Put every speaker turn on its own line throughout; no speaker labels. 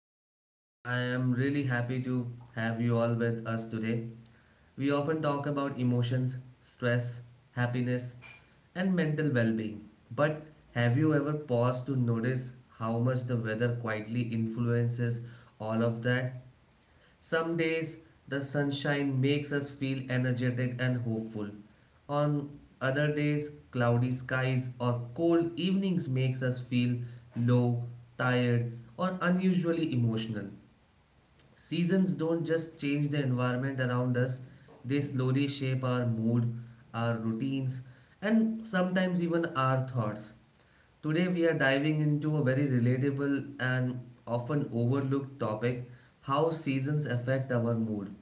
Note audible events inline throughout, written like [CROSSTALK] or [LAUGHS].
podcast. I am really happy to have you all with us today. We often talk about emotions, stress, happiness, and mental well being. But have you ever paused to notice how much the weather quietly influences all of that? Some days the sunshine makes us feel energetic and hopeful. On other days, cloudy skies or cold evenings makes us feel low, tired, or unusually emotional. Seasons don't just change the environment around us, they slowly shape our mood, our routines, and sometimes even our thoughts. Today, we are diving into a very relatable and often overlooked topic: how seasons affect our mood.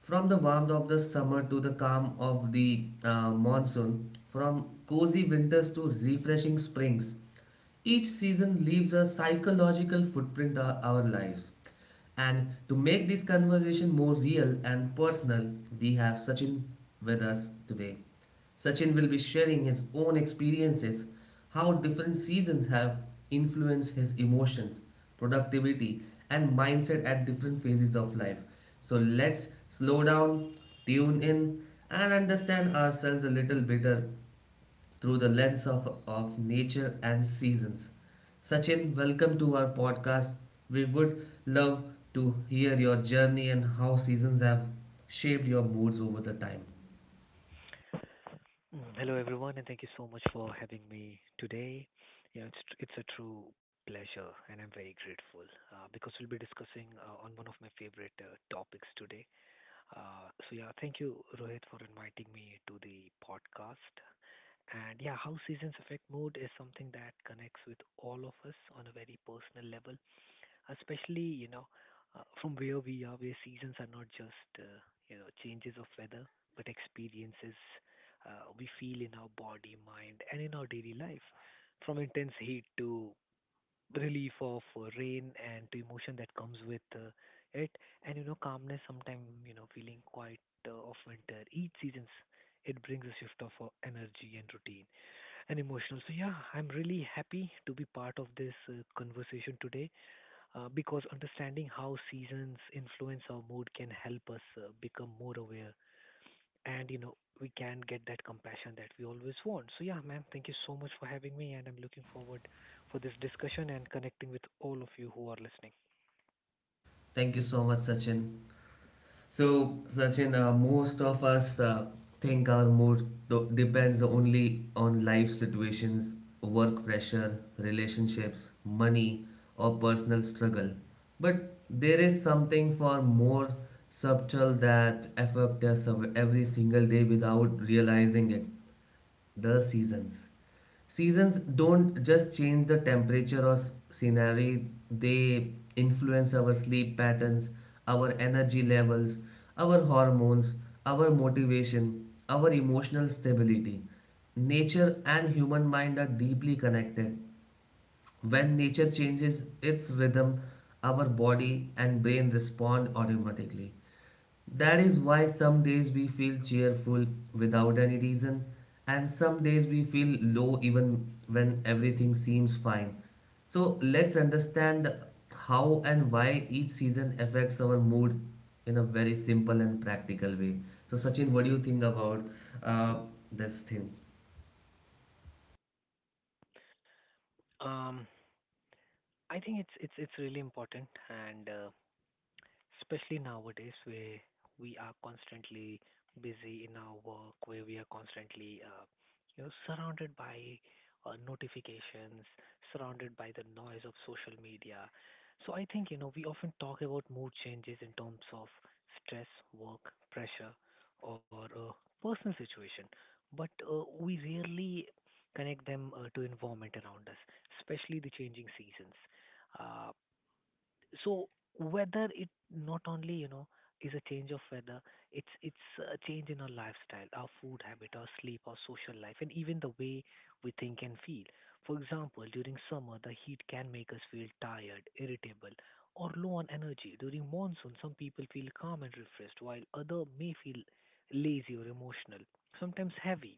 From the warmth of the summer to the calm of the monsoon, from cozy winters to refreshing springs, each season leaves a psychological footprint on our lives. And to make this conversation more real and personal, we have Sachin with us today. Sachin will be sharing his own experiences, how different seasons have influenced his emotions, productivity, and mindset at different phases of life. So let's slow down, tune in, and understand ourselves a little better through the lens of nature and seasons. Sachin, welcome to our podcast. We would love to hear your journey and how seasons have shaped your moods over the time.
Hello, everyone, and thank you so much for having me today. You know, it's a true pleasure, and I'm very grateful because we'll be discussing on one of my favorite topics today. So yeah, thank you, Rohit, for inviting me to the podcast. And yeah, how seasons affect mood is something that connects with all of us on a very personal level, especially you know, from where we are, where seasons are not just you know changes of weather, but experiences we feel in our body, mind, and in our daily life. From intense heat to relief of rain and to emotion that comes with it, and you know calmness. Sometimes you know feeling quiet of winter. Each seasons it brings a shift of energy and routine and emotional. So yeah, I'm really happy to be part of this conversation today because understanding how seasons influence our mood can help us become more aware, and you know we can get that compassion that we always want. So yeah, ma'am, thank you so much for having me, and I'm looking forward for this discussion and connecting with all of you who are listening.
Thank you so much, Sachin. So, Sachin, most of us think our mood depends only on life situations, work pressure, relationships, money, or personal struggle. But there is something far more subtle that affects us every single day without realizing it: the seasons. Seasons don't just change the temperature or scenery, they influence our sleep patterns, our energy levels, our hormones, our motivation, our emotional stability. Nature and human mind are deeply connected. When nature changes its rhythm, our body and brain respond automatically. That is why some days we feel cheerful without any reason, and some days we feel low even when everything seems fine. So let's understand how and why each season affects our mood in a very simple and practical way. So, Sachin, what do you think about uh, this thing?
um I think it's really important, and especially nowadays where we are constantly busy in our work, where we are constantly, you know, surrounded by notifications, surrounded by the noise of social media. So I think, you know, we often talk about mood changes in terms of stress, work, pressure, or personal situation, but we rarely connect them to environment around us, especially the changing seasons. Uh, so weather it not only you know is a change of weather, it's a change in our lifestyle, our food habit, our sleep, our social life, and even the way we think and feel. For example, during summer the heat can make us feel tired, irritable, or low on energy. During monsoon some people feel calm and refreshed, while other may feel lazy or emotional, sometimes heavy.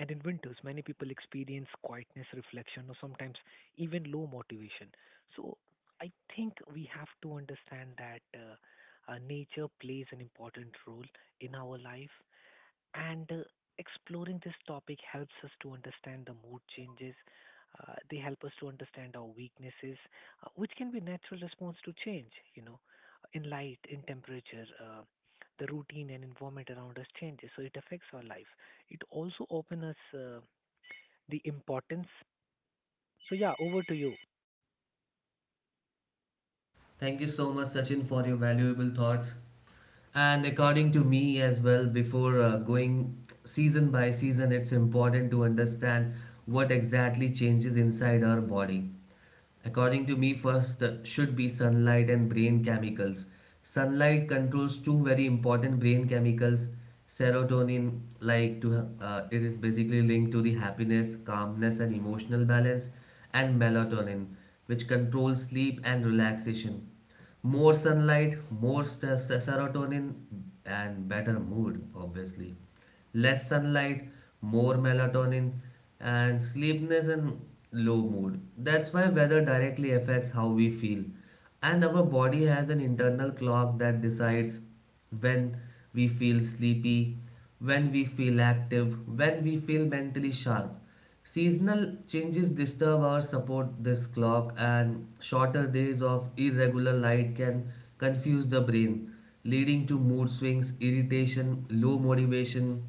And in winters, many people experience quietness, reflection, or sometimes even low motivation. So I think we have to understand that nature plays an important role in our life, and exploring this topic helps us to understand the mood changes. They help us to understand our weaknesses, which can be natural response to change. You know, in light, in temperature, the routine and environment around us changes, so it affects our life. It also opens us the importance. So yeah, over to you.
Thank you so much, Sachin, for your valuable thoughts. And according to me as well, before going season by season, it's important to understand what exactly changes inside our body. According to me, first should be sunlight and brain chemicals. Sunlight controls two very important brain chemicals, serotonin, like to it is basically linked to the happiness, calmness, and emotional balance, and melatonin, which controls sleep and relaxation. More sunlight, more serotonin, and better mood. Obviously less sunlight, more melatonin, and sleepiness and low mood. That's why weather directly affects how we feel. And our body has an internal clock that decides when we feel sleepy, when we feel active, when we feel mentally sharp. Seasonal changes disturb or support this clock, and shorter days of irregular light can confuse the brain, leading to mood swings, irritation, low motivation.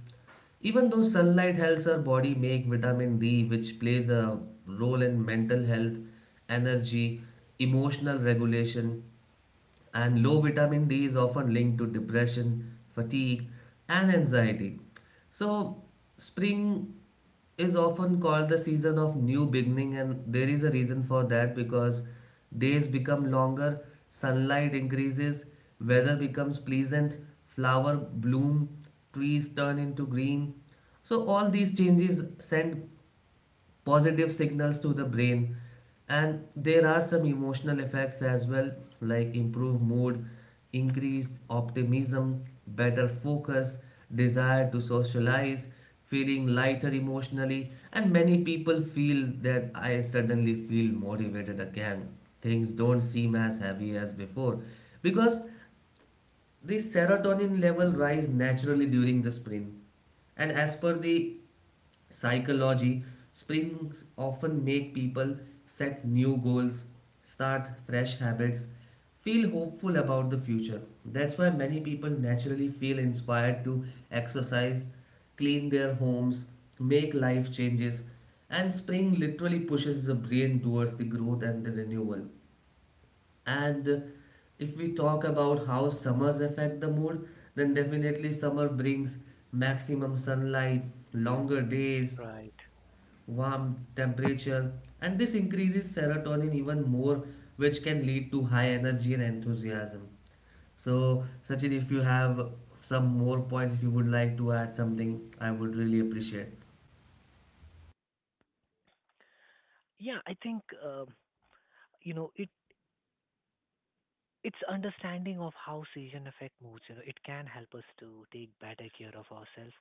Even though sunlight helps our body make vitamin D, which plays a role in mental health, energy, emotional regulation, and low vitamin D is often linked to depression, fatigue, and anxiety. So, spring is often called the season of new beginning, and there is a reason for that because days become longer, sunlight increases, weather becomes pleasant, flower bloom, trees turn into green. So, all these changes send positive signals to the brain, and there are some emotional effects as well, like improved mood, increased optimism, better focus, desire to socialize, feeling lighter emotionally. And many people feel that I suddenly feel motivated again, things don't seem as heavy as before, because the serotonin level rise naturally during the spring. And as per the psychology, springs often make people set new goals, start fresh habits, feel hopeful about the future. That's why many people naturally feel inspired to exercise, clean their homes, make life changes, and spring literally pushes the brain towards the growth and the renewal. And if we talk about how summers affect the mood, then definitely summer brings maximum sunlight, longer days,
Right.
warm temperature, and this increases serotonin even more, which can lead to high energy and enthusiasm. So, Sachin, if you have some more points, if you would like to add something, I would really appreciate.
Yeah, I think you know it it's understanding of how season affect moods, you know it can help us to take better care of ourselves.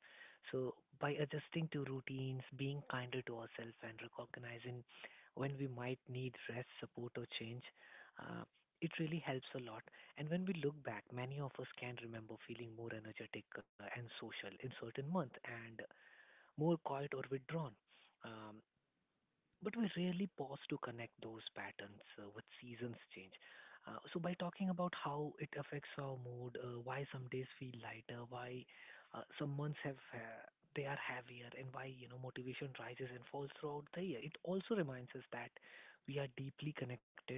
So by adjusting to routines, being kinder to ourselves, and recognizing when we might need rest, support, or change, uh, it really helps a lot. And when we look back, many of us can remember feeling more energetic and social in certain month, and more quiet or withdrawn, um, but we rarely pause to connect those patterns with seasons change. So by talking about how it affects our mood, why some days feel lighter, why some months have they are heavier, and why you know motivation rises and falls throughout the year, it also reminds us that we are deeply connected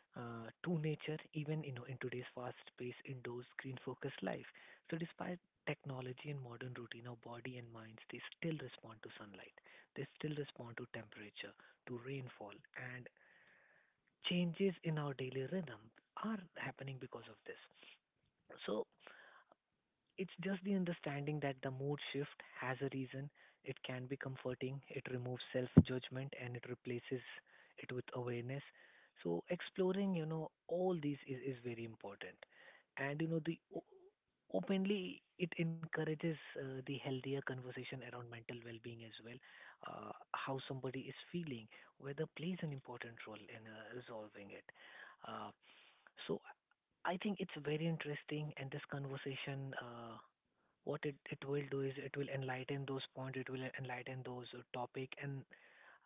to nature, even you know in today's fast-paced, indoor, screen-focused life. So despite technology and modern routine, our body and minds they still respond to sunlight, they still respond to temperature, to rainfall, and changes in our daily rhythm are happening because of this. So it's just the understanding that the mood shift has a reason. It can be comforting, it removes self judgment, and it replaces it with awareness. So exploring, you know, all these is very important. And you know, openly it encourages the healthier conversation around mental well-being as well. How somebody is feeling, whether plays an important role in resolving it. Uh, so I think it's very interesting, and this conversation, what it will do is it will enlighten those points, it will enlighten those topic. And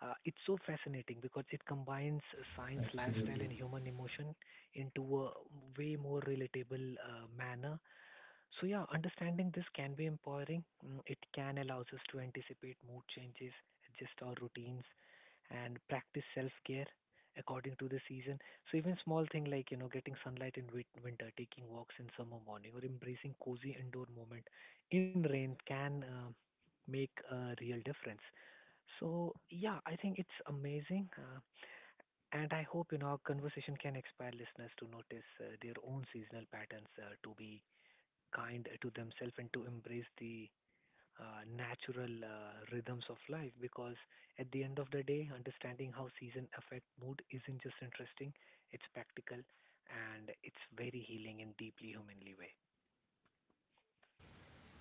it's so fascinating because it combines science, lifestyle,
Absolutely.
and human emotion into a way more relatable manner. So yeah, understanding this can be empowering. It can allows us to anticipate mood changes, adjust our routines, and practice self-care according to the season. So even small thing like, you know, getting sunlight in winter, taking walks in summer morning, or embracing cozy indoor moment in rain can make a real difference. So yeah, I think it's amazing. And I hope you know our conversation can inspire listeners to notice their own seasonal patterns, to be kind to themselves and to embrace the natural rhythms of life, because at the end of the day understanding how season affect mood isn't just interesting, it's practical, and it's very healing in deeply humanly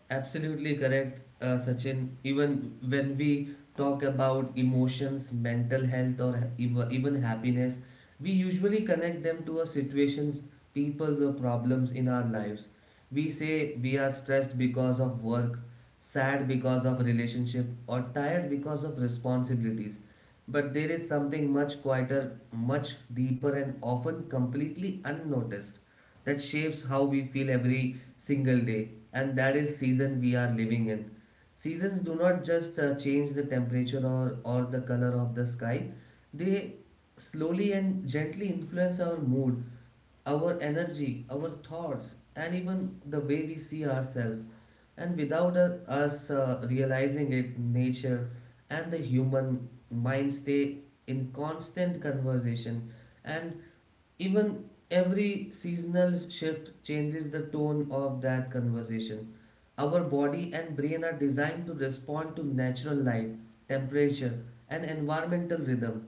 Absolutely correct, Sachin. Even when we talk about emotions, mental health, or even happiness, we usually connect them to our situations, peoples, or problems in our lives. We say we are stressed because of work, sad because of relationship, or tired because of responsibilities. But there is something much quieter, much deeper, and often completely unnoticed that shapes how we feel every single day, and that is season we are living in. Seasons do not just change the temperature or the color of the sky, they slowly and gently influence our mood, our energy, our thoughts, and even the way we see ourselves. And without us realizing it, nature and the human mind stay in constant conversation. And even every seasonal shift changes the tone of that conversation. Our body and brain are designed to respond to natural light, temperature, and environmental rhythm.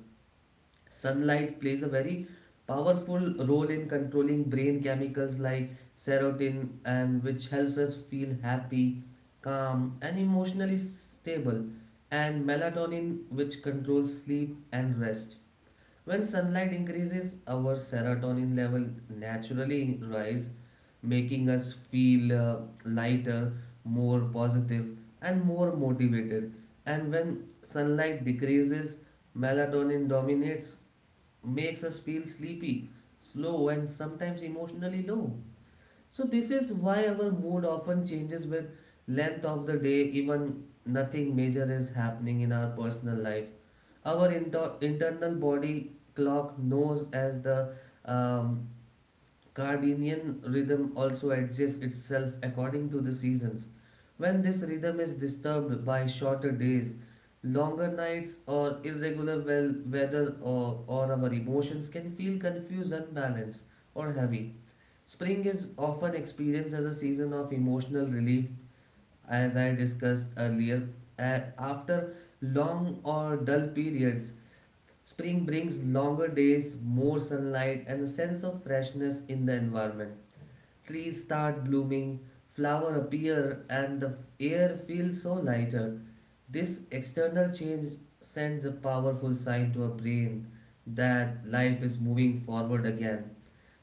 Sunlight plays a very powerful role in controlling brain chemicals like serotonin, and which helps us feel happy, calm and emotionally stable, and melatonin which controls sleep and rest. When sunlight increases our serotonin level naturally rise, making us feel lighter, more positive and more motivated, and when sunlight decreases melatonin dominates, makes us feel sleepy, slow, and sometimes emotionally low. So, this is why our mood often changes with length of the day, even nothing major is happening in our personal life. Our internal body clock knows as the um, Cardinian rhythm also adjusts itself according to the seasons. When this rhythm is disturbed by shorter days, longer nights, or irregular well weather, or our emotions can feel confused, unbalanced, or heavy. Spring is often experienced as a season of emotional relief, as I discussed earlier. After long or dull periods, spring brings longer days, more sunlight, and a sense of freshness in the environment. Trees start blooming, flowers appear, and the air feels so lighter. This external change sends a powerful sign to our brain that life is moving forward again.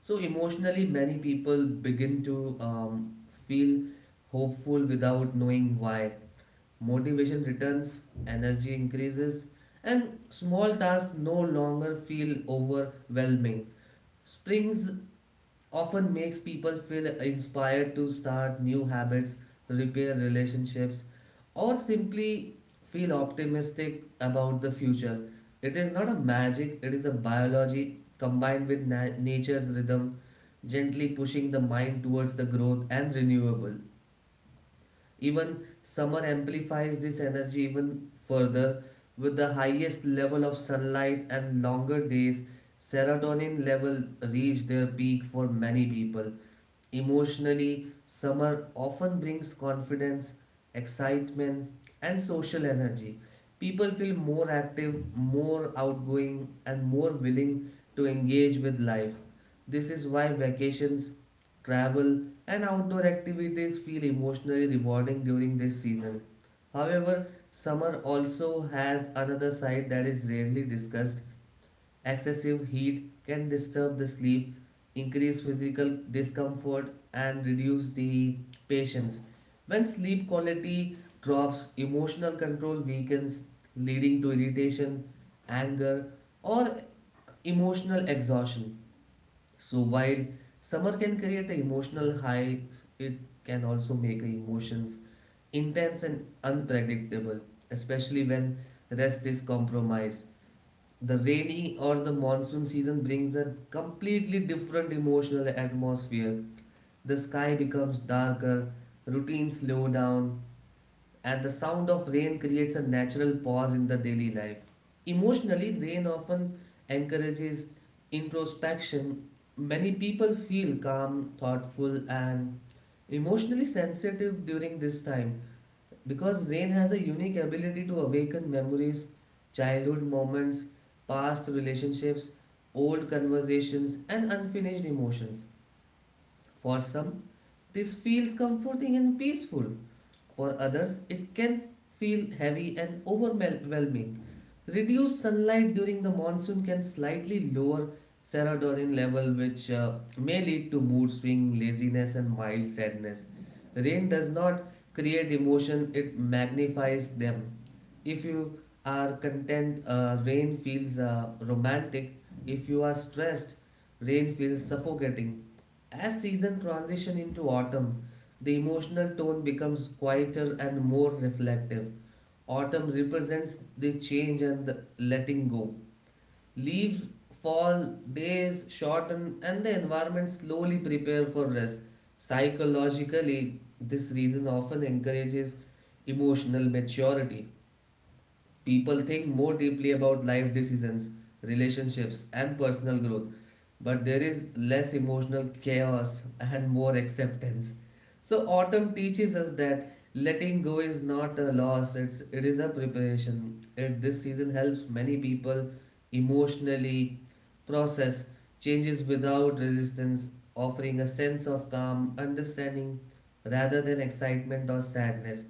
So, emotionally, many people begin to feel hopeful without knowing why. Motivation returns, energy increases, and small tasks no longer feel overwhelming. Springs often makes people feel inspired to start new habits, repair relationships, or simply feel optimistic about the future. It is not a magic, it is a biology combined with nature's rhythm, gently pushing the mind towards the growth and renewable. Even summer amplifies this energy even further. With the highest level of sunlight and longer days, serotonin level reach their peak for many people. Emotionally, summer often brings confidence, excitement, and social energy. People feel more active, more outgoing, and more willing to engage with life. This is why vacations, travel, and outdoor activities feel emotionally rewarding during this season. However, summer also has another side that is rarely discussed. Excessive heat can disturb the sleep, increase physical discomfort, and reduce the patience. When sleep quality drops, emotional control weakens, leading to irritation, anger, or emotional exhaustion. So, while summer can create an emotional high, it can also make emotions intense and unpredictable, especially when rest is compromised. The rainy or the monsoon season brings a completely different emotional atmosphere. The sky becomes darker, routines slow down, and the sound of rain creates a natural pause in the daily life. Emotionally, rain often encourages introspection. Many people feel calm, thoughtful, and emotionally sensitive during this time. Because rain has a unique ability to awaken memories, childhood moments, past relationships, old conversations, and unfinished emotions. For some, this feels comforting and peaceful. For others, it can feel heavy and overwhelming. Reduced sunlight during the monsoon can slightly lower serotonin level, which may lead to mood swing, laziness, and mild sadness. Rain does not create emotion, it magnifies them. If you are content, rain feels romantic. If you are stressed, rain feels suffocating. As season transition into autumn, the emotional tone becomes quieter and more reflective. Autumn represents the change and the letting go. Leaves fall, days shorten, and the environment slowly prepare for rest. Psychologically, this reason often encourages emotional maturity. People think more deeply about life decisions, relationships, and personal growth, but there is less emotional chaos and more acceptance. So, autumn teaches us that letting go is not a loss, it is a preparation. It, this season helps many people emotionally process changes without resistance, offering a sense of calm, understanding rather than excitement or sadness.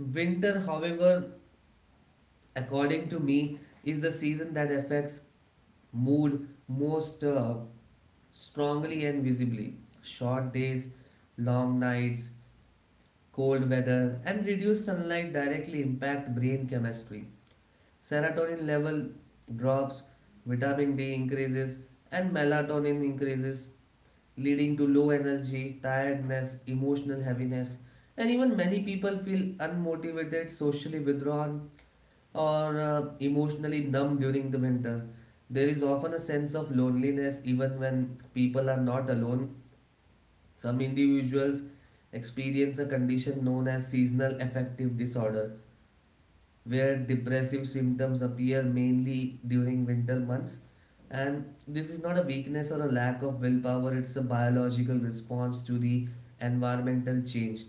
Winter, however, according to me, is the season that affects mood most strongly and visibly. Short days, long nights, cold weather, and reduced sunlight directly impact brain chemistry. Serotonin level drops, vitamin D increases, and melatonin increases, leading to low energy, tiredness, emotional heaviness, and even many people feel unmotivated, socially withdrawn, or emotionally numb during the winter. There is often a sense of loneliness even when people are not alone. Some individuals experience a condition known as seasonal affective disorder, where depressive symptoms appear mainly during winter months. And this is not a weakness or a lack of willpower, it's a biological response to the environmental change.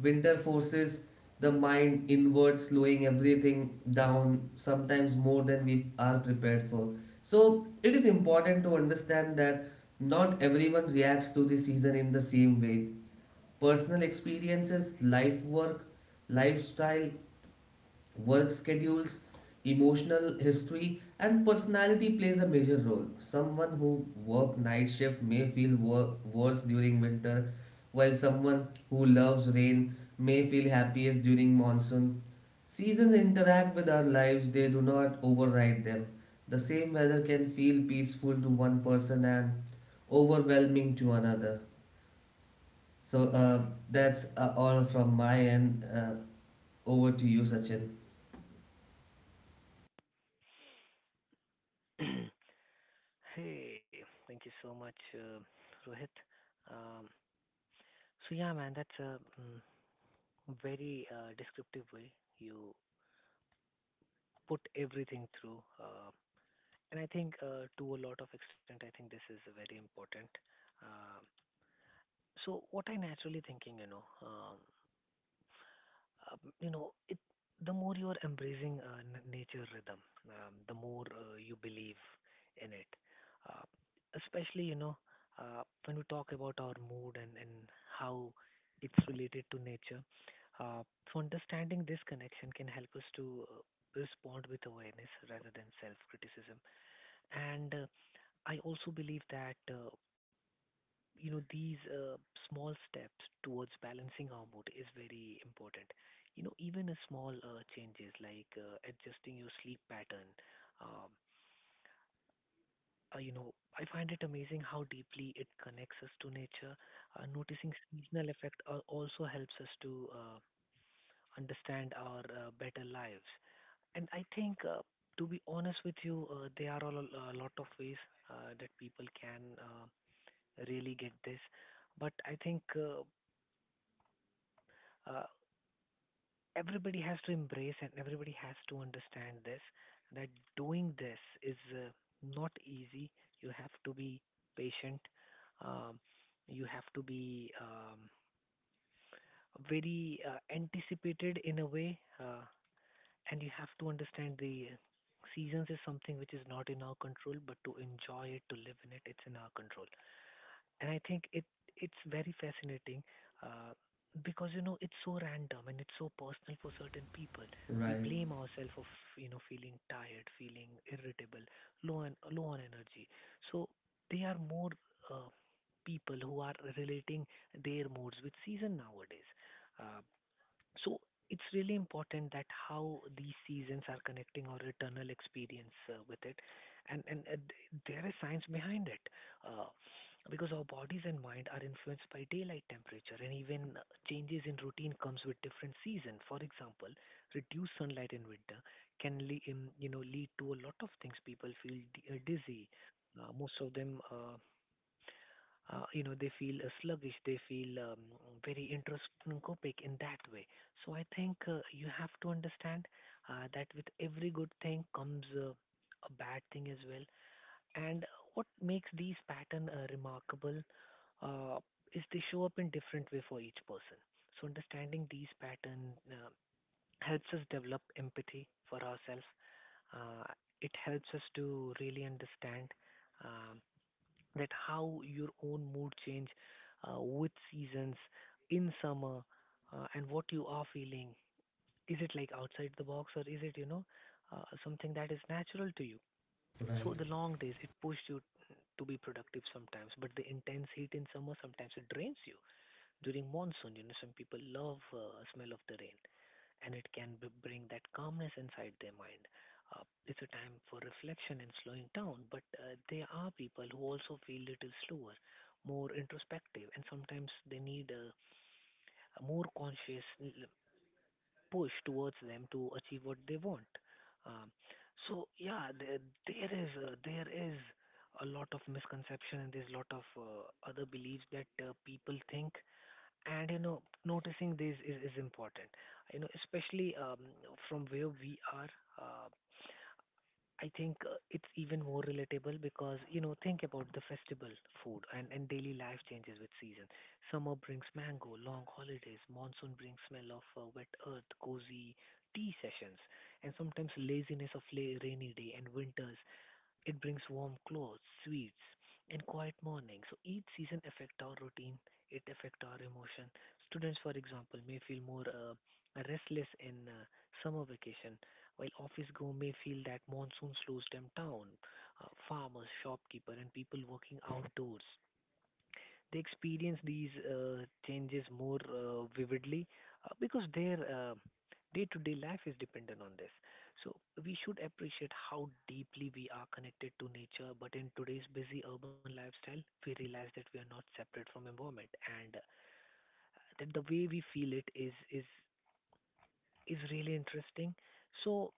Winter forces the mind inward, slowing everything down, sometimes more than we are prepared for. So, it is important to understand that not everyone reacts to the season in the same way. Personal experiences, life work, lifestyle, work schedules, emotional history, and personality plays a major role. Someone who works night shift may feel worse during winter, while someone who loves rain may feel happiest during monsoon. Seasons interact with our lives, they do not override them. The same weather can feel peaceful to one person and overwhelming to another. So that's all from my end. Over to you, Sachin.
way. [CLEARS THROAT] Hey, thank you so much, Rohit. um, so yeah man, that's a very descriptive way you put everything through, and I think to a lot of extent I think this is very important. Um So what I naturally thinking, you know, it, the more you are embracing nature rhythm, the more you believe in it. Uh, especially, you know, when we talk about our mood, and how it's related to nature. Uh, so understanding this connection can help us to respond with awareness rather than self-criticism. And I also believe that you know, these small steps towards balancing our mood is very important. You know, even a small changes like adjusting your sleep pattern. Um, you know, I find it amazing how deeply it connects us to nature. Noticing seasonal effect also helps us to understand our better lives. And I think, to be honest with you, there are all a lot of ways that people can really get this. But I think uh, everybody has to embrace and everybody has to understand this, that doing this is not easy. You have to be patient. Um, you have to be very anticipated in a way, and you have to understand the seasons is something which is not in our control, but to enjoy it, to live in it, it's in our control. And I think it's very fascinating uh, because you know it's so random and it's so personal for certain people. We
Right.
blame ourselves of you know feeling tired, feeling irritable, low on energy. So they are more uh, people who are relating their moods with season nowadays. Uh, so it's really important that how these seasons are connecting our eternal experience with it, and there is science behind it, uh, because our bodies and mind are influenced by daylight temperature, and even changes in routine comes with different season. For example, reduced sunlight in winter can you know lead to a lot of things. People feel dizzy. Most of them. You know they feel sluggish, they feel very introscopic in that way. So I think you have to understand that with every good thing comes a bad thing as well. And what makes these pattern remarkable, uh, is they show up in different way for each person. So understanding these pattern helps us develop empathy for ourselves. uh, it helps us to really understand um that how your own mood change with seasons in summer, and what you are feeling, is it like outside the box or is it you know something that is natural to you? So
Right.
the long days it pushed you to be productive sometimes, but the intense heat in summer sometimes it drains you. During monsoon you know some people love smell of the rain, and it can bring that calmness inside their mind. It's a time for reflection and slowing down, but there are people who also feel little slower, more introspective, and sometimes they need a more conscious push towards them to achieve what they want. Um, so yeah, there is a lot of misconception, and there's a lot of other beliefs that people think, and you know noticing this is important, you know, especially from where we are. uh, I think it's even more relatable because, you know, think about the festival food, and daily life changes with season. Summer brings mango, long holidays. Monsoon brings smell of wet earth, cozy tea sessions, and sometimes laziness of rainy day. And winters, it brings warm clothes, sweets, and quiet mornings. So each season affect our routine, it affect our emotion. Students, for example, may feel more restless in summer vacation, while office go may feel that monsoon slows them down. Farmers, shopkeeper, and people working outdoors, they experience these changes more vividly, because their day-to-day life is dependent on this. So we should appreciate how deeply we are connected to nature. But in today's busy urban lifestyle, we realize that we are not separate from environment, and that the way we feel it is really interesting. So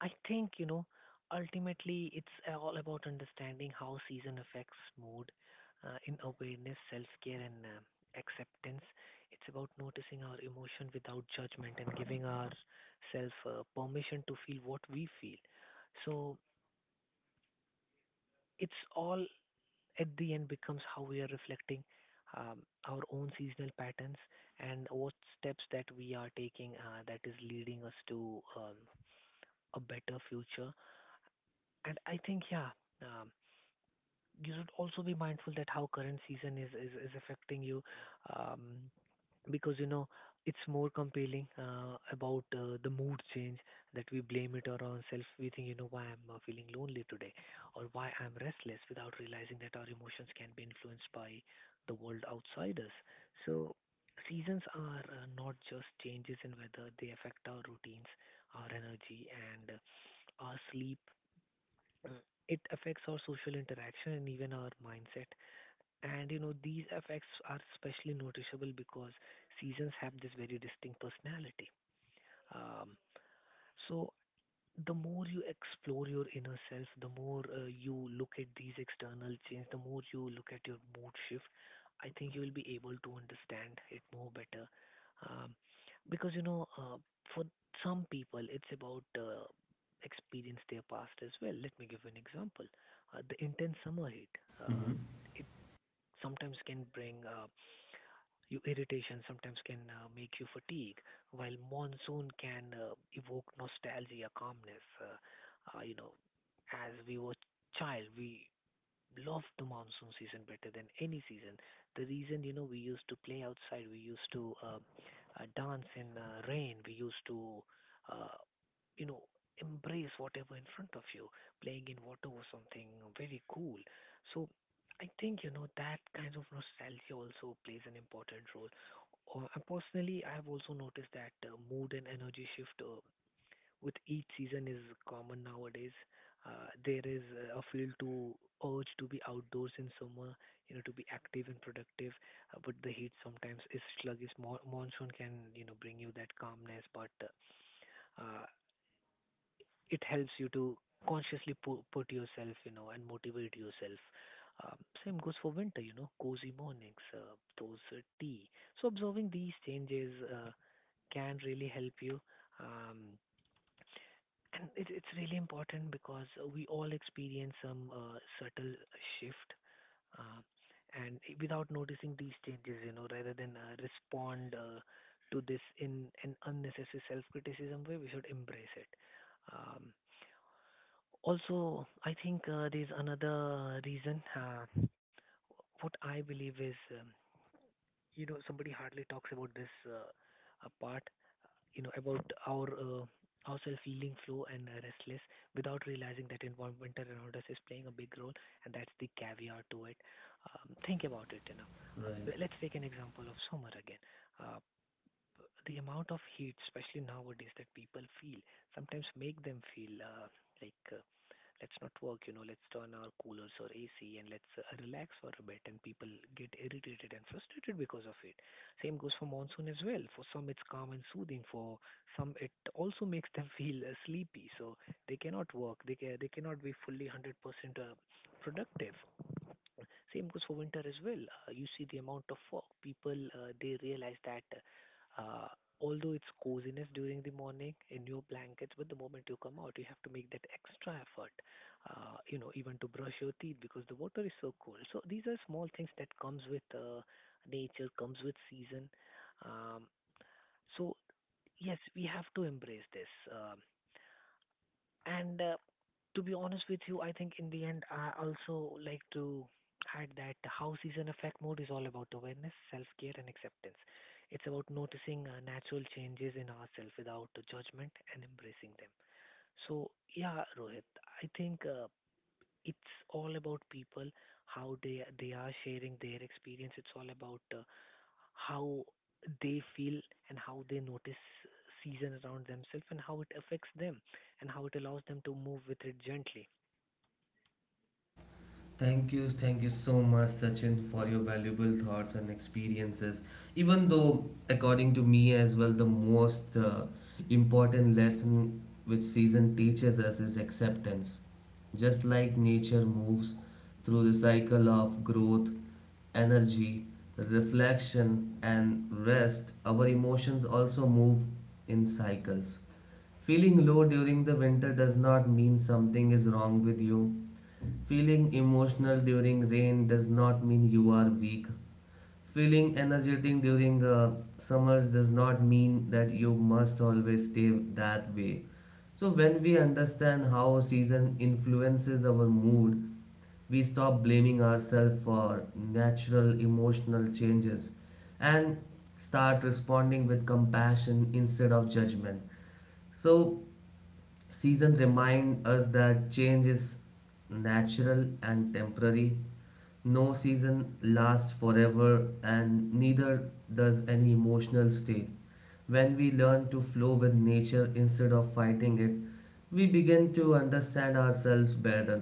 I think, you know, ultimately it's all about understanding how season affects mood, in awareness, self care, and acceptance. It's about noticing our emotion without judgment and giving ourselves permission to feel what we feel. So it's all at the end becomes how we are reflecting um, our own seasonal patterns, and what steps that we are taking that is leading us to a better future. And I think, yeah. Um, you should also be mindful that how current season is affecting you, um, because you know it's more compelling about the mood change, that we blame it on ourselves. We think, you know, why I'm feeling lonely today, or why I'm restless, without realizing that our emotions can be influenced by the world outside us. So seasons are not just changes in weather. They affect our routines, our energy, and our sleep. It affects our social interaction and even our mindset. And you know, these effects are especially noticeable because seasons have this very distinct personality. Um, so the more you explore your inner self, the more you look at these external change, the more you look at your mood shift, I think you will be able to understand it more better. Um, because, you know, for some people, it's about experience their past as well. Let me give you an example. The intense summer heat, uh,
Hmm.
it sometimes can bring your irritation, sometimes can make you fatigue, while monsoon can evoke nostalgia, calmness. You know, as we were child, we love the monsoon season better than any season. The reason, you know, we used to play outside, we used to dance in rain, we used to, uh, you know, embrace whatever in front of you. Playing in water was something very cool. So I think, you know, that kind of nostalgia also plays an important role. And personally, I've also noticed that mood and energy shift with each season is common nowadays. There is a feel to urge to be outdoors in summer, you know, to be active and productive. But the heat sometimes is sluggish. Monsoon can, you know, bring you that calmness, but uh, uh, it helps you to consciously put yourself, you know, and motivate yourself. Um, Same goes for winter, you know, cozy mornings, those tea. So observing these changes can really help you. Um, And it's really important because we all experience some subtle shift, uh, and without noticing these changes, you know, rather than respond to this in an unnecessary self-criticism way, we should embrace it. Um, Also, I think there's another reason. What I believe is, you know, somebody hardly talks about this part, you know, about our ourselves feeling flow and restless, without realizing that environment around us is playing a big role, and that's the caveat to it. Think about it, you know.
Right.
Let's take an example of summer again. Uh, the amount of heat, especially nowadays, that people feel sometimes make them feel like let's not work, you know, let's turn our coolers or AC, and let's relax for a bit. And people get irritated and frustrated because of it. Same goes for monsoon as well. For some, it's calm and soothing. For some, it also makes them [LAUGHS] feel sleepy. So they cannot work. They cannot be fully 100% productive. Same goes for winter as well. You see the amount of fog. People, they realize that uh, although it's coziness during the morning in your blankets, but the moment you come out, you have to make that extra effort, you know, even to brush your teeth because the water is so cold. So these are small things that comes with nature, comes with season. Um, so yes, we have to embrace this. And To be honest with you, I think in the end, I also like to add that how season affect mood is all about awareness, self care, and acceptance. It's about noticing natural changes in ourselves without judgment and embracing them. So, yeah, Rohit, I think it's all about people, how they are sharing their experience. It's all about how they feel, and how they notice season around themselves, and how it affects them, and how it allows them to move with it gently.
Thank you so much, Sachin, for your valuable thoughts and experiences. Even though, according to me as well, the most important lesson which season teaches us is acceptance. Just like nature moves through the cycle of growth, energy, reflection, and rest, our emotions also move in cycles. Feeling low during the winter does not mean something is wrong with you. Feeling emotional during rain does not mean you are weak. Feeling energetic during summers does not mean that you must always stay that way. So, when we understand how season influences our mood, we stop blaming ourselves for natural emotional changes and start responding with compassion instead of judgment. So, season remind us that change is natural and temporary. No season lasts forever and neither does any emotional state. When we learn to flow with nature instead of fighting it, we begin to understand ourselves better.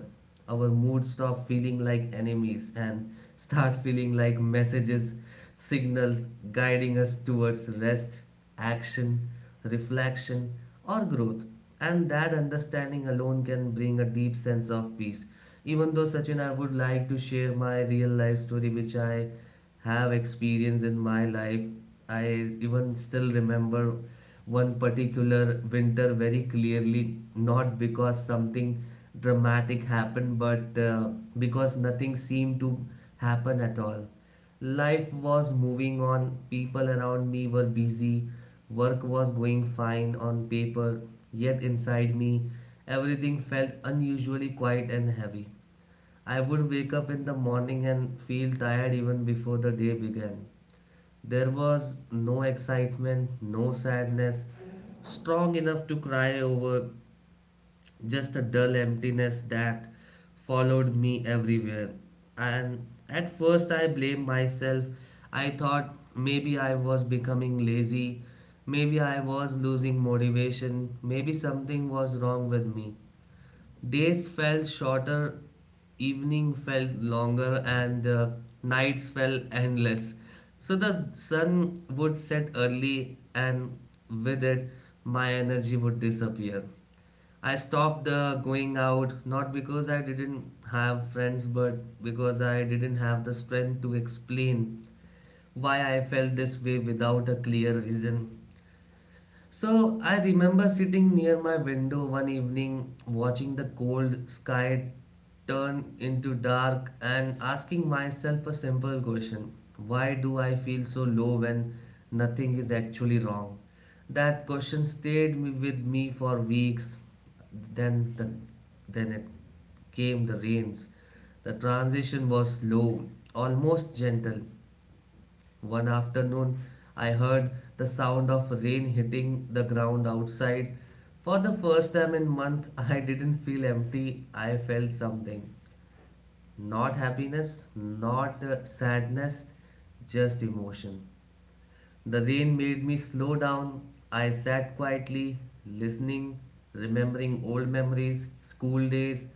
Our moods stop feeling like enemies and start feeling like messages, signals guiding us towards rest, action, reflection, or growth. And that understanding alone can bring a deep sense of peace. Even though, Sachin, I would like to share my real life story, which I have experienced in my life. I even still remember one particular winter very clearly, not because something dramatic happened, but because nothing seemed to happen at all. Life was moving on, people around me were busy, work was going fine on paper, yet inside me, everything felt unusually quiet and heavy. I would wake up in the morning and feel tired even before the day began. There was no excitement, no sadness, strong enough to cry over, just a dull emptiness that followed me everywhere. And at first, I blamed myself. I thought maybe I was becoming lazy, maybe I was losing motivation, maybe something was wrong with me. Days felt shorter, evening felt longer, and nights felt endless. So the sun would set early, and with it, my energy would disappear. I stopped going out not because I didn't have friends, but because I didn't have the strength to explain why I felt this way without a clear reason. So I remember sitting near my window one evening, watching the cold sky turn into dark and asking myself a simple question: why do I feel so low when nothing is actually wrong? That question stayed with me for weeks. Then, the, then it came the rains. The transition was slow, almost gentle, one afternoon, I heard the sound of rain hitting the ground outside. For the first time in months, [LAUGHS] I didn't feel empty. I felt something. Not happiness, not sadness, just emotion. The rain made me slow down. I sat quietly, listening, remembering old memories, school days,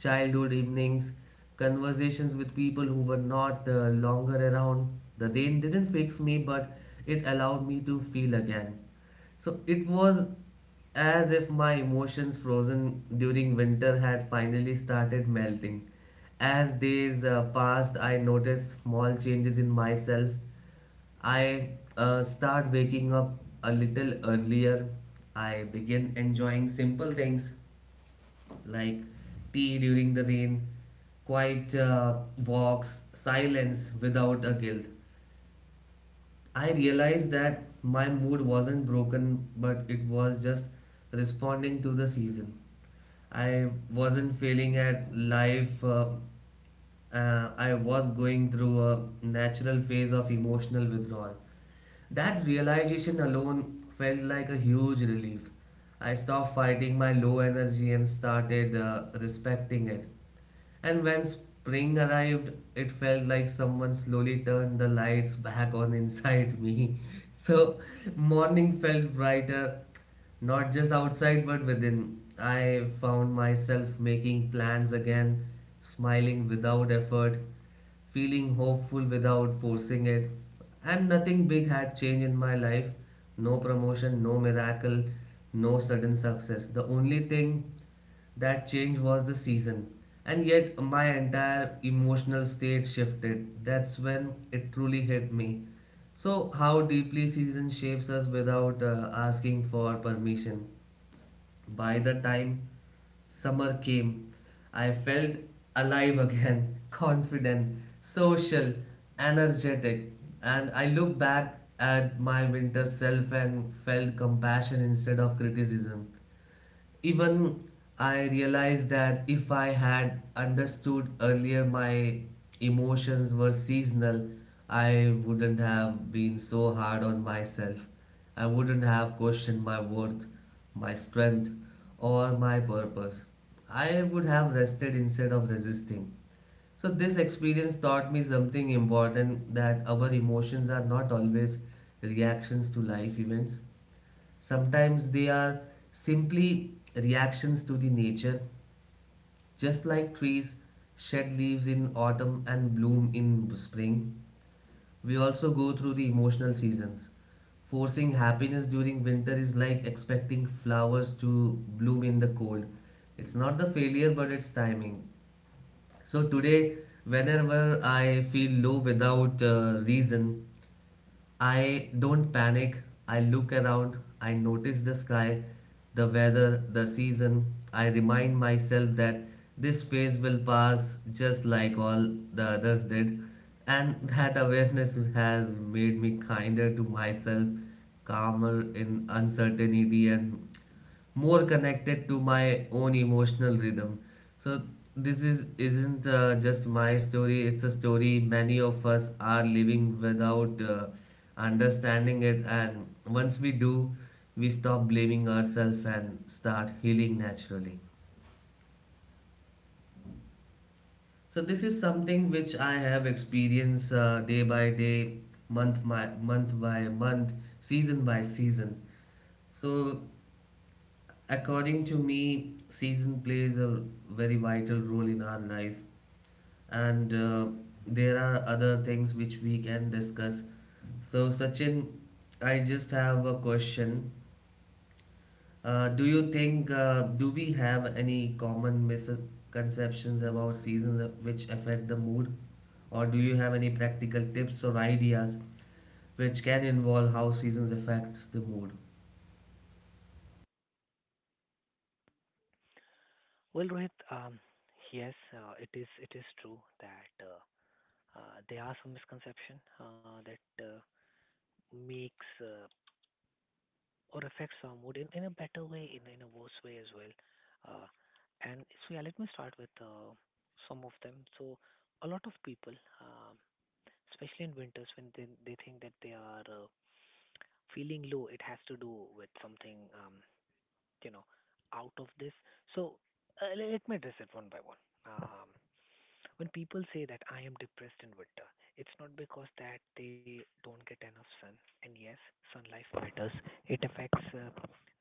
childhood evenings, conversations with people who were not longer around. The rain didn't fix me, but it allowed me to feel again. So it was as if my emotions frozen during winter had finally started melting. As days passed, I noticed small changes in myself. I start waking up a little earlier. I begin enjoying simple things like tea during the rain, quiet walks, silence without a guilt. I realized that my mood wasn't broken, but it was just responding to the season. I wasn't failing at life. I was going through a natural phase of emotional withdrawal. That realization alone felt like a huge relief. I stopped fighting my low energy and started respecting it. And when spring arrived, it felt like someone slowly turned the lights back on inside me. [LAUGHS] So, morning felt brighter, not just outside, but within. I found myself making plans again, smiling without effort, feeling hopeful without forcing it. And nothing big had changed in my life, no promotion, no miracle, no sudden success. The only thing that change was the season. And yet, my entire emotional state shifted. That's when it truly hit me. So, how deeply season shapes us without asking for permission. By the time summer came, I felt alive again, [LAUGHS] confident, social, energetic. And I looked back at my winter self and felt compassion instead of criticism. Even I realized that if I had understood earlier my emotions were seasonal, I wouldn't have been so hard on myself. I wouldn't have questioned my worth, my strength, or my purpose. I would have rested instead of resisting. So, this experience taught me something important, that our emotions are not always reactions to life events. Sometimes they are simply reactions to the nature, just like trees shed leaves in autumn and bloom in spring. We also go through the emotional seasons. Forcing happiness during winter is like expecting flowers to bloom in the cold. It's not the failure, but it's timing. So today, whenever I feel low without reason, I don't panic. I look around. I notice the sky, the weather, the season. I remind myself that this phase will pass just like all the others did. And that awareness has made me kinder to myself, calmer in uncertainty, and more connected to my own emotional rhythm. So this is isn't just my story. It's a story many of us are living without understanding it. And once we do, we stop blaming ourselves and start healing naturally. So this is something which I have experienced day by day, month by month, season by season. So according to me, season plays a very vital role in our life, and there are other things which we can discuss. So, Sachin, I just have a question. Do you think do we have any common misconceptions about seasons which affect the mood, or do you have any practical tips or ideas which can involve how seasons affects the mood?
Well, Rohit, yes, it is true that there are some misconception that makes or affects our mood in a better way, in a worse way as well. Uh, and so, yeah, let me start with some of them. So, a lot of people, um, especially in winters, when they think that they are feeling low, it has to do with something, you know, out of this. So, let me address it one by one. Um, when people say that I am depressed in winter, it's not because that they don't get enough sun. And yes, sun life matters. It affects uh,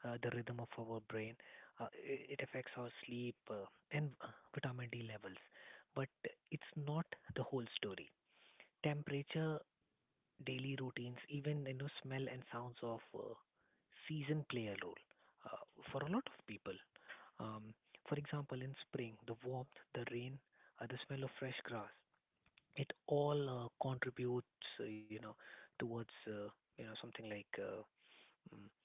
uh, the rhythm of our brain. It affects our sleep, and vitamin D levels. But it's not the whole story. Temperature, daily routines, even, you know, smell and sounds of season play a role uh, for a lot of people. Um, for example, in spring, the warmth, the rain, the smell of fresh grass, it all contributes, you know, towards you know something like, mm,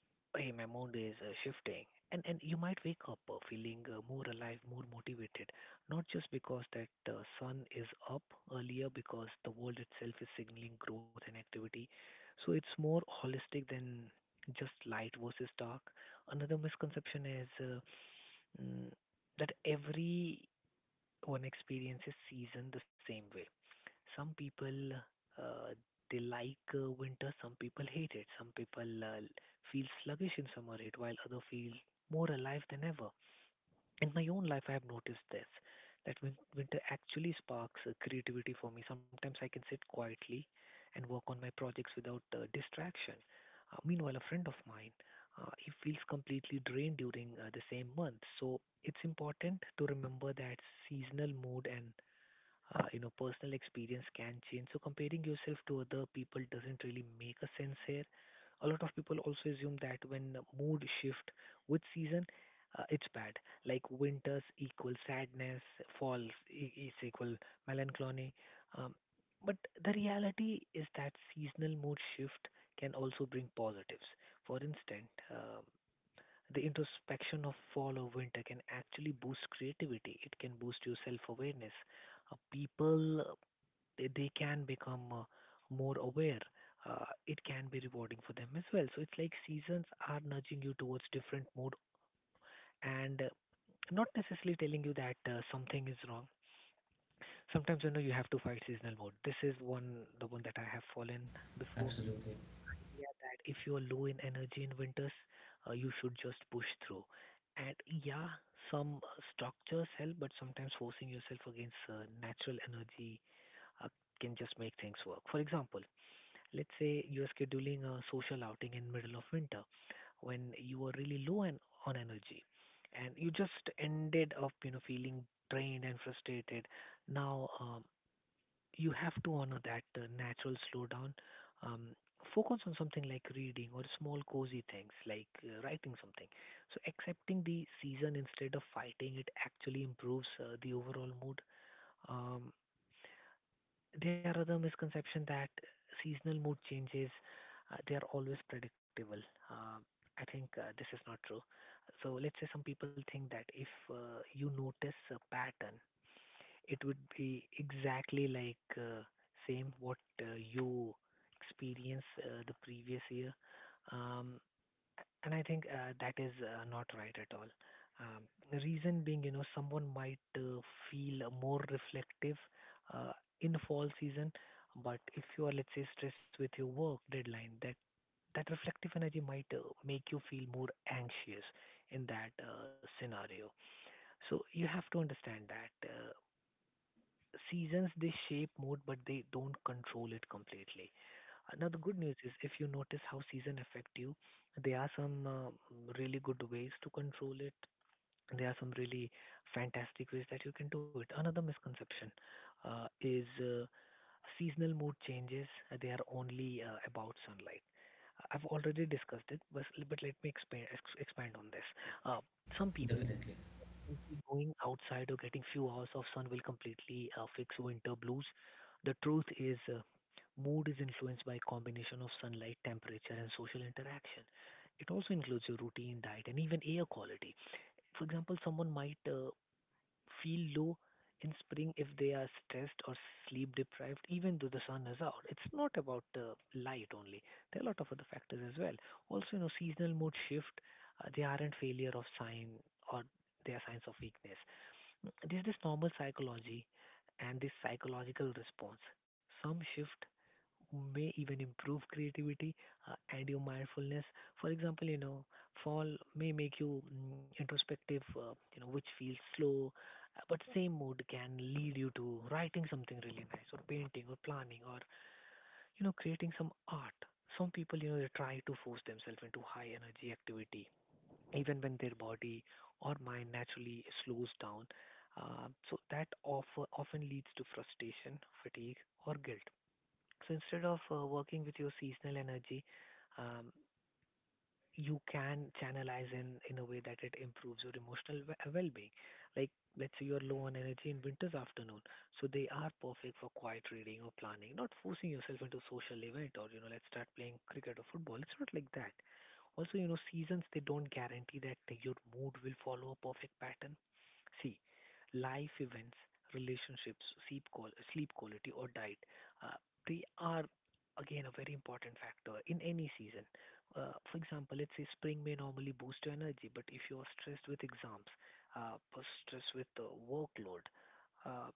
hey, my mood is shifting, and you might wake up feeling more alive, more motivated, not just because that sun is up earlier, because the world itself is signaling growth and activity. So it's more holistic than just light versus dark. Another misconception is mm, that everyone experiences season the same way. Some people, uh, they like winter, some people hate it. Some people feel sluggish in summer heat, while other feel more alive than ever. In my own life, I have noticed this, that winter actually sparks creativity for me. Sometimes I can sit quietly and work on my projects without distraction. Meanwhile, a friend of mine, he feels completely drained during the same month. So it's important to remember that seasonal mood and you know, personal experience can change. So comparing yourself to other people doesn't really make a sense here. A lot of people also assume that when mood shift with season, it's bad. Like winters equal sadness, falls is equal melancholy. Um, but the reality is that seasonal mood shift can also bring positives. For instance, the introspection of fall or winter can actually boost creativity. It can boost your self awareness. People, they can become more aware. It can be rewarding for them as well. So it's like seasons are nudging you towards different mode, and not necessarily telling you that something is wrong. Sometimes, you know, you have to fight seasonal mode. This is one that I have fallen before.
Absolutely,
If you are low in energy in winters, you should just push through. And yeah, some structures help, but sometimes forcing yourself against natural energy uh, can just make things work. For example, let's say you're scheduling a social outing in middle of winter when you are really on energy, and you just ended up, you know, feeling drained and frustrated. Now, you have to honor that natural slowdown. Um, Focus on something like reading or small cozy things like writing something. So accepting the season instead of fighting it actually improves the overall mood. Um, there are other misconception that seasonal mood changes they are always predictable. Um, I think this is not true. So let's say some people think that if you notice a pattern, it would be exactly like same what you experienced the previous year. Um, and I think that is not right at all. Um, the reason being, you know, someone might feel more reflective uh, in fall season, but if you are, let's say, stressed with your work deadline, that reflective energy might make you feel more anxious in that scenario. So you have to understand that. Seasons, they shape mood, but they don't control it completely. Now the good news is, if you notice how season affect you, there are some really good ways to control it. There are some really fantastic ways that you can do it. Another misconception is seasonal mood changes. They are only about sunlight. I've already discussed it, but let me expand expand on this. Uh, some people
definitely,
simply going outside or getting few hours of sun will completely fix winter blues. The truth is, mood is influenced by combination of sunlight, temperature, and social interaction. It also includes your routine, diet, and even air quality. For example, someone might feel low in spring if they are stressed or sleep deprived, even though the sun is out. It's not about light only. There are a lot of other factors as well. Also, you know, seasonal mood shift. They aren't failure of sign or they are signs of weakness. There's this normal psychology and this psychological response. Some shift may even improve creativity and your mindfulness. For example, you know, fall may make you introspective, you know, which feels slow, but same mood can lead you to writing something really nice, or painting, or planning, or you know, creating some art. Some people, you know, they try to force themselves into high energy activity even when their body or mind naturally slows down. So that of, often leads to frustration, fatigue, or guilt. So instead of working with your seasonal energy, um, you can channelize in a way that it improves your emotional well-being. Like, let's say you're low on energy in winter's afternoon, so they are perfect for quiet reading or planning, not forcing yourself into social event, or you know, let's start playing cricket or football. It's not like that. Also, you know, seasons, they don't guarantee that your mood will follow a perfect pattern. See, life events, relationships, sleep quality, or diet, uh, they are again a very important factor in any season. For example, let's say spring may normally boost your energy, but if you are stressed with exams, or stressed with the workload, uh,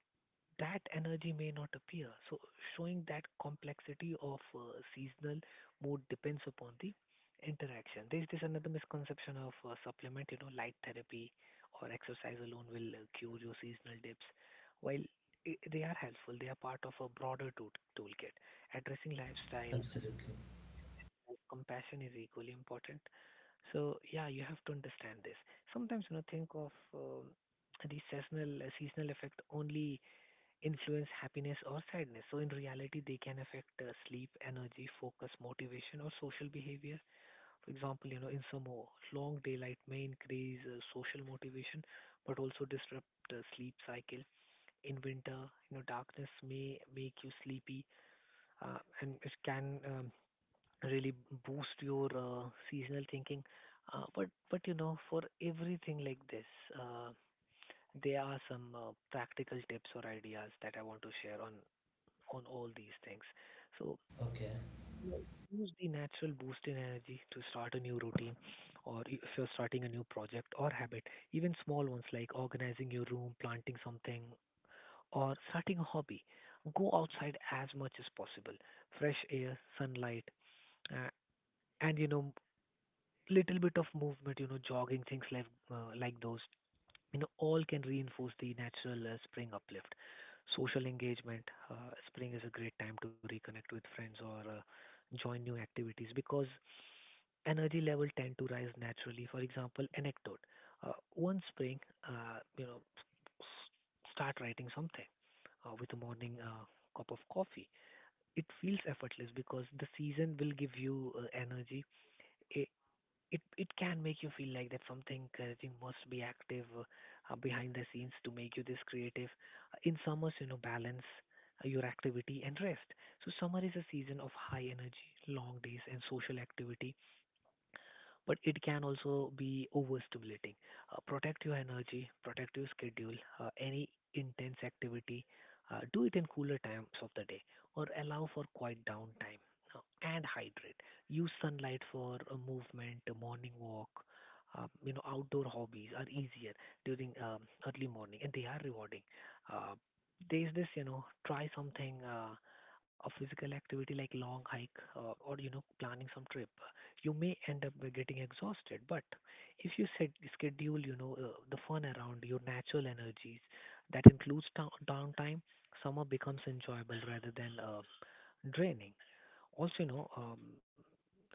that energy may not appear. So, showing that complexity of seasonal mood depends upon the interaction. There's this another misconception of supplement, you know, light therapy or exercise alone will cure your seasonal dips. While I they are helpful, they are part of a broader toolkit addressing lifestyle,
absolutely.
compassion is equally important. So yeah, you have to understand this. Sometimes you know think of the seasonal effect only influence happiness or sadness. So in reality, they can affect sleep, energy, focus, motivation, or social behavior. For example, you know, in summer, long daylight may increase social motivation, but also disrupt the sleep cycle. In winter, you know, darkness may make you sleepy, and it can really boost your seasonal thinking. But you know, for everything like this, uh, there are some practical tips or ideas that I want to share on all these things. So
Okay.
you know, use the natural boost in energy to start a new routine, or if you're starting a new project or habit, even small ones like organizing your room, planting something, or starting a hobby. Go outside as much as possible. Fresh air, sunlight, uh, and you know, little bit of movement, you know, jogging, things like those, you know, all can reinforce the natural spring uplift. Social engagement, spring is a great time to reconnect with friends, or join new activities, because energy level tend to rise naturally. For example, anecdote. One spring, you know, start writing something with a morning cup of coffee. It feels effortless because the season will give you energy. I it it can make you feel like that something encouraging must be active behind the scenes to make you this creative. In summers, you know, balance your activity and rest. So summer is a season of high energy, long days, and social activity, but it can also be overstimulating. Protect your energy, protect your schedule, any intense activity. Do it in cooler times of the day, or allow for quiet downtime, and hydrate. Use sunlight for a movement, a morning walk. You know, outdoor hobbies are easier during early morning, and they are rewarding. Uh, there's this, you know, try something, a physical activity like long hike, or, you know, planning some trip, you may end up by getting exhausted. But if you set schedule, you know, the fun around your natural energies, that includes downtime, summer becomes enjoyable rather than draining. Also, you know,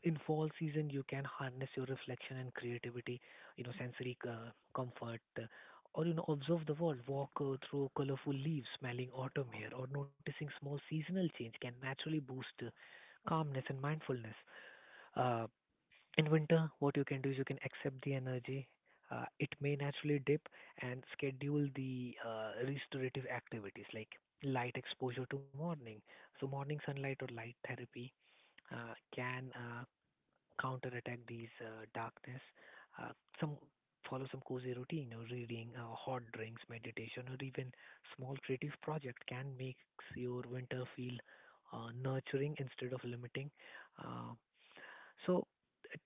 in fall season, you can harness your reflection and creativity, you know, sensory comfort, or you know, observe the world, walk through colorful leaves, smelling autumn air, or noticing small seasonal change can naturally boost calmness and mindfulness. Uh, in winter what you can do is, you can accept the energy, it may naturally dip, and schedule the restorative activities like light exposure to morning. So morning sunlight or light therapy can counterattack these darkness. uh, some follow some cozy routine, or reading, hot drinks, meditation, or even small creative project can make your winter feel nurturing instead of limiting. uh, so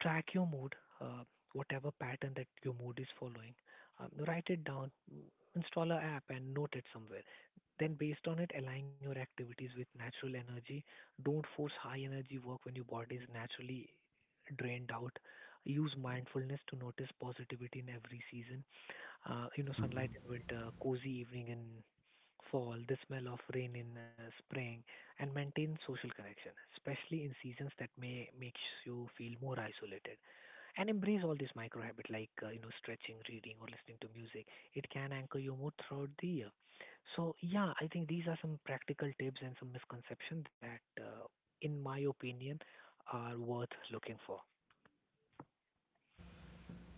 track your mood, uh, whatever pattern that your mood is following. Write it down, install an app and note it somewhere. Then, based on it, align your activities with natural energy. Don't force high energy work when your body is naturally drained out. Use mindfulness to notice positivity in every season, you know, sunlight in winter, cozy evening in fall, the smell of rain in spring, and maintain social connection, especially in seasons that may makes you feel more isolated. And embrace all these micro habit like you know, stretching, reading, or listening to music. It can anchor your mood throughout the year. So yeah, I think these are some practical tips and some misconception that, in my opinion, are worth looking for.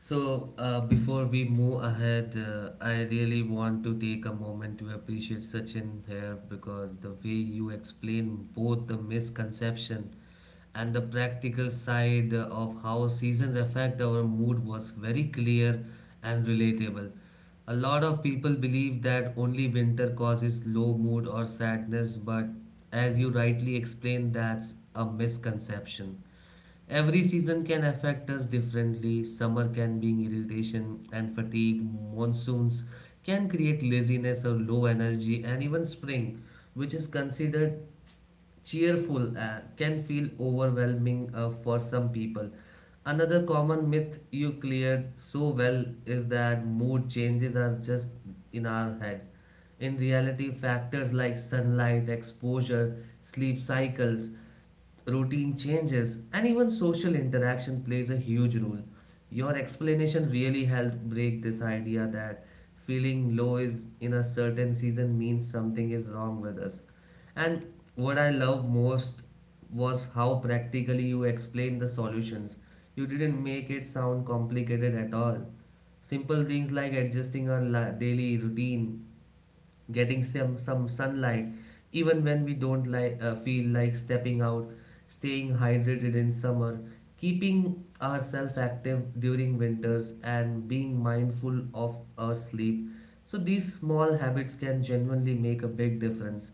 So, before we move ahead, I really want to take a moment to appreciate Sachin here because the way you explain both the misconception and the practical side of how seasons affect our mood was very clear and relatable. A lot of people believe that only winter causes low mood or sadness, but as you rightly explained, that's a misconception. Every season can affect us differently. Summer can bring irritation and fatigue. Monsoons can create laziness or low energy, and even spring, which is considered cheerful, can feel overwhelming for some people. Another common myth you cleared so well is that mood changes are just in our head. In reality, factors like sunlight, exposure, sleep cycles, routine changes, and even social interaction plays a huge role. Your explanation really helped break this idea that feeling low is in a certain season means something is wrong with us. And what I love most was how practically you explained the solutions. You didn't make it sound complicated at all. Simple things like adjusting our daily routine, getting some sunlight even when we don't like feel like stepping out, staying hydrated in summer, keeping ourselves active during winters, and being mindful of our sleep, so these small habits can genuinely make a big difference.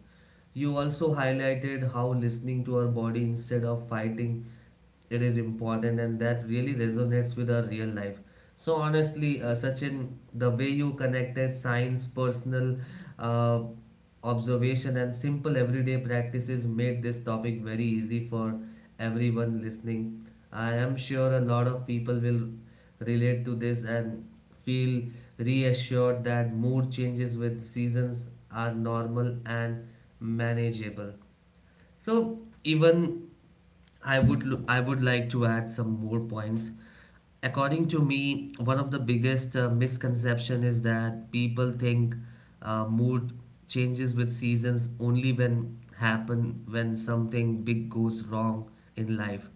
You also highlighted how listening to our body instead of fighting it is important, and that really resonates with our real life. So honestly, Sachin, the way you connected science, personal uh, observation, and simple everyday practices made this topic very easy for everyone listening. I am sure a lot of people will relate to this and feel reassured that mood changes with seasons are normal and manageable. So even I would like to add some more points. According to me, one of the biggest misconception is that people think mood changes with seasons only when happen when something big goes wrong in life.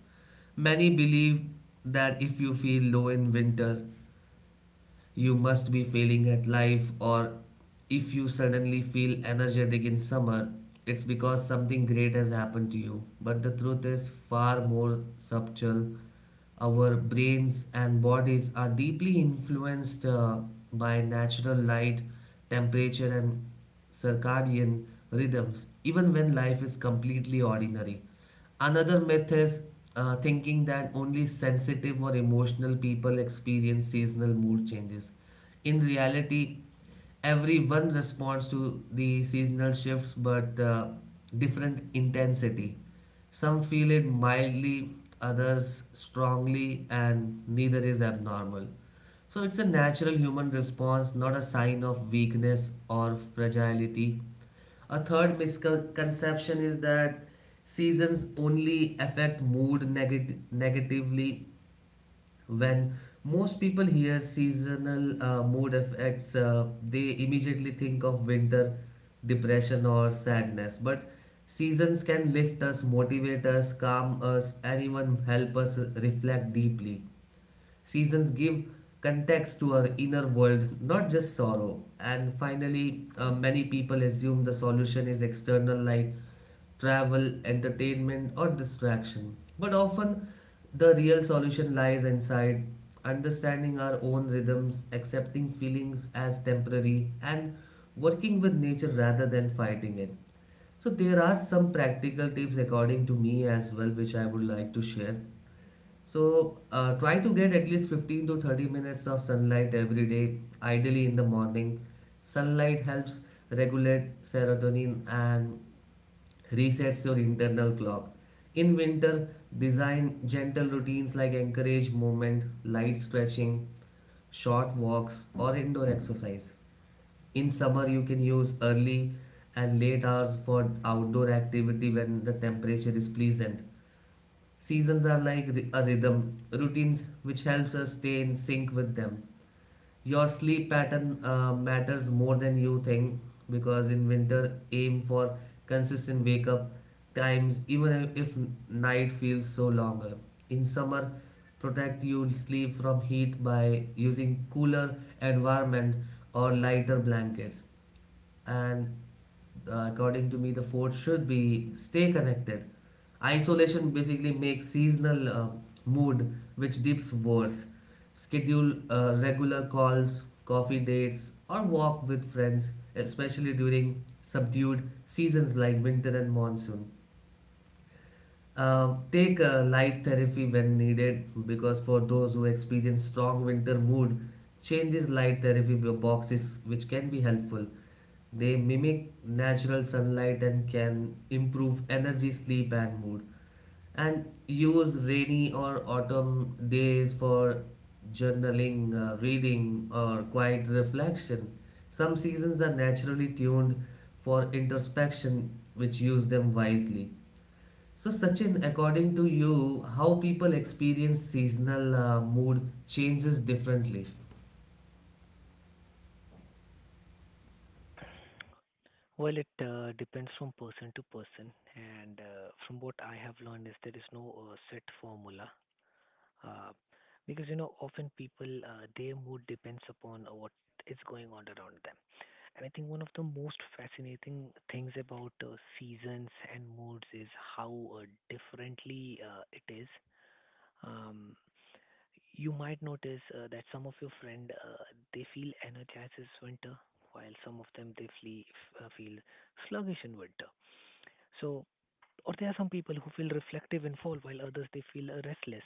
Many believe that if you feel low in winter, you must be failing at life, or if you suddenly feel energetic in summer, it's because something great has happened to you. But the truth is far more subtle. Our brains and bodies are deeply influenced by natural light, temperature, and circadian rhythms, even when life is completely ordinary. Another myth is thinking that only sensitive or emotional people experience seasonal mood changes. In reality, everyone responds to the seasonal shifts but different intensity. Some feel it mildly, others strongly, and neither is abnormal. So it's a natural human response, not a sign of weakness or fragility. A third misconception is that seasons only affect mood negatively. When most people hear seasonal mood effects, they immediately think of winter depression or sadness. But seasons can lift us, motivate us, calm us, and even help us reflect deeply. Seasons give context to our inner world, not just sorrow. And finally, many people assume the solution is external, like travel, entertainment, or distraction. But often, the real solution lies inside understanding our own rhythms, accepting feelings as temporary, and working with nature rather than fighting it. So, there are some practical tips according to me as well, which I would like to share. So try to get at least 15 to 30 minutes of sunlight every day, ideally in the morning. Sunlight helps regulate serotonin and resets your internal clock. In winter, design gentle routines like encourage movement, light stretching, short walks, or indoor exercise. In summer, you can use early and late hours for outdoor activity when the temperature is pleasant. Seasons are like a rhythm, routines which helps us stay in sync with them. Your sleep pattern matters more than you think, because in winter aim for consistent wake up times even if night feels so longer. In summer, protect your sleep from heat by using cooler environment or lighter blankets. And according to me, the fourth should be stay connected. Isolation basically makes seasonal mood which dips worse. Schedule regular calls, coffee dates, or walk with friends, especially during subdued seasons like winter and monsoon. Take light therapy when needed, because for those who experience strong winter mood changes, light therapy boxes which can be helpful. They mimic natural sunlight and can improve energy, sleep, and mood. And use rainy or autumn days for journaling, reading, or quiet reflection. Some seasons are naturally tuned for introspection, which use them wisely. So, Sachin, according to you, how people experience seasonal mood changes differently?
Well, it depends from person to person, and from what I have learned is, there is no set formula, uh, because you know often people their mood depends upon what is going on around them. And I think one of the most fascinating things about seasons and moods is how differently it is. Um, you might notice that some of your friend, they feel energized this winter, while some of them they feel sluggish in winter. So, or there are some people who feel reflective in fall, while others they feel restless.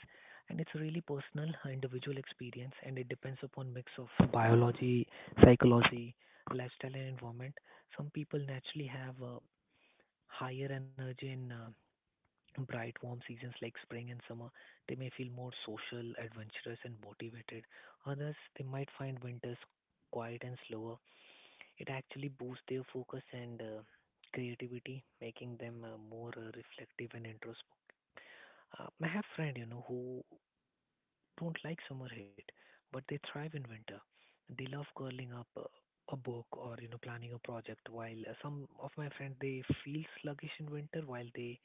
And it's really personal, individual experience, and it depends upon mix of biology, psychology, lifestyle, and environment. Some people naturally have higher energy in bright, warm seasons like spring and summer, they may feel more social, adventurous, and motivated. Others, they might find winters quiet and slower. It actually boosts their focus and creativity, making them more reflective and introspective. I have friends, you know, who don't like summer heat, but they thrive in winter. They love curling up a book, or you know, planning a project. While some of my friends they feel sluggish in winter, while they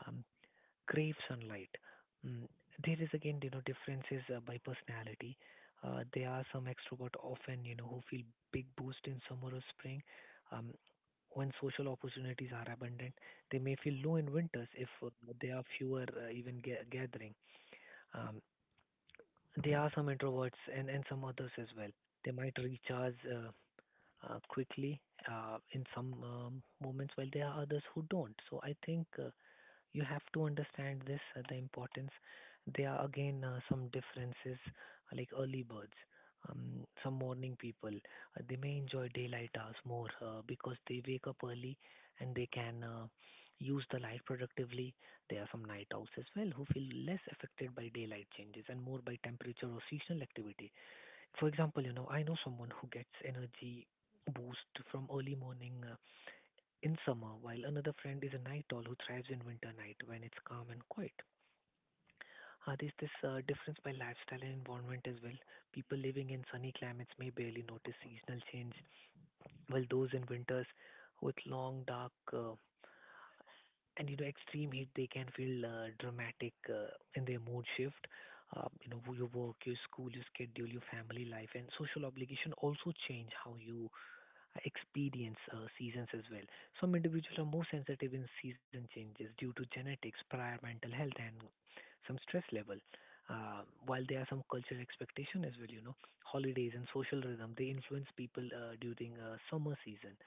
um, crave sunlight. Mm, There is again, you know, differences by personality. There are some extrovert often, you know, who feel big boost in summer or spring. Um, when social opportunities are abundant, they may feel low in winters if there are fewer even gathering. Um, there are some introverts and some others as well. They might recharge quickly in some moments, while there are others who don't. So I think you have to understand this, the importance. There are again some differences, like early birds, some morning people, they may enjoy daylight hours more because they wake up early, and they can use the light productively. There are some night owls as well, who feel less affected by daylight changes and more by temperature or seasonal activity. For example, you know, I know someone who gets energy boost from early morning in summer, while another friend is a night owl who thrives in winter night when it's calm and quiet. There's this difference by lifestyle and environment as well. People living in sunny climates may barely notice seasonal change, while those in winters with long, dark, and you know, extreme heat, they can feel dramatic in their mood shift. You know, your work, your school, your schedule, your family life, and social obligation also change how you experience seasons as well. Some individuals are more sensitive in season changes due to genetics, prior mental health, and some stress level. While there are some cultural expectation as well, you know, holidays and social rhythm, they influence people during summer season.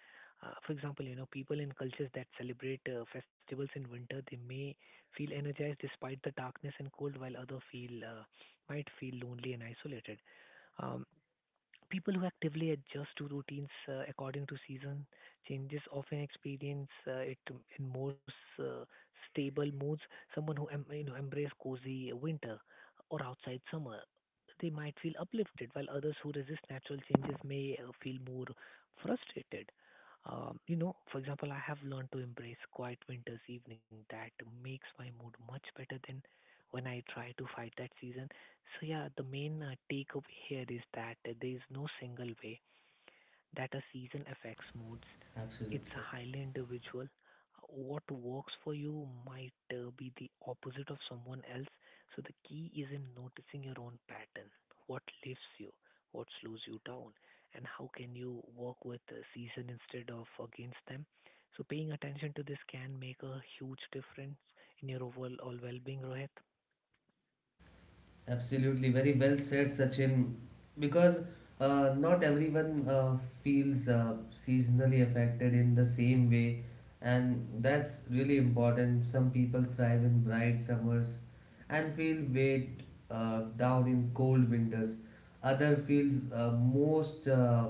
For example, you know, people in cultures that celebrate festivals in winter, they may feel energized despite the darkness and cold, while other feel might feel lonely and isolated. Um, People who actively adjust to routines according to season changes often experience it in more stable moods. Someone who you know, embrace cozy winter or outside summer, they might feel uplifted, while others who resist natural changes may feel more frustrated. You know, for example, I have learned to embrace quiet winter's evening. That makes my mood much better than when I try to fight that season. So yeah, the main takeaway here is that there is no single way that a season affects moods. It's
Absolutely.
highly individual. What works for you might be the opposite of someone else. So the key is in noticing your own pattern. What lifts you? What slows you down? And how can you work with the season instead of against them? So paying attention to this can make a huge difference in your overall well-being, Rohit.
Absolutely, very well said, Sachin. Because not everyone feels seasonally affected in the same way, and that's really important. Some people thrive in bright summers and feel weighed down in cold winters. Other feels most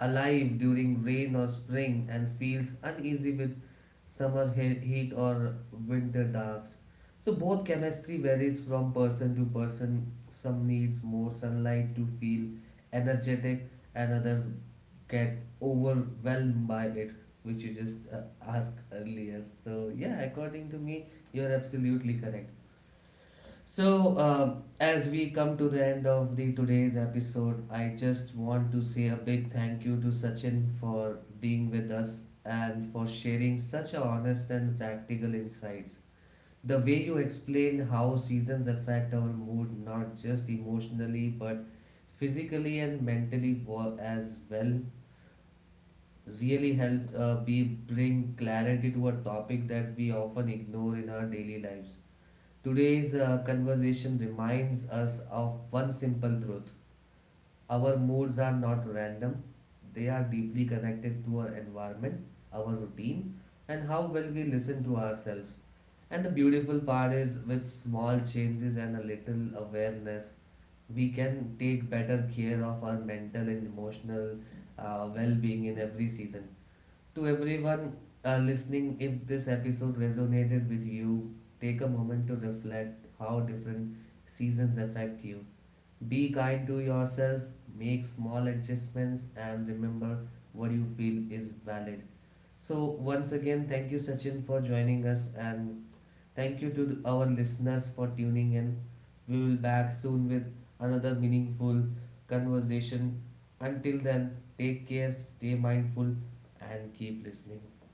alive during rain or spring, and feels uneasy with summer heat or winter darks. So both chemistry varies from person to person. Some needs more sunlight to feel energetic, and others get overwhelmed by it, which you just asked earlier. So yeah, according to me, you're absolutely correct. So, as we come to the end of the today's episode, I just want to say a big thank you to Sachin for being with us and for sharing such a honest and practical insights. The way you explained how seasons affect our mood, not just emotionally but physically and mentally as well, really helped be bring clarity to a topic that we often ignore in our daily lives. Today's conversation reminds us of one simple truth. Our moods are not random, they are deeply connected to our environment, our routine, and how well we listen to ourselves. And the beautiful part is, with small changes and a little awareness, we can take better care of our mental and emotional well being in every season. To everyone listening, if this episode resonated with you, take a moment to reflect how different seasons affect you. Be kind to yourself, make small adjustments, and remember what you feel is valid. So, once again, thank you, Sachin, for joining us, and thank you to our listeners for tuning in. We will back soon with another meaningful conversation. Until then, take care, stay mindful, and keep listening.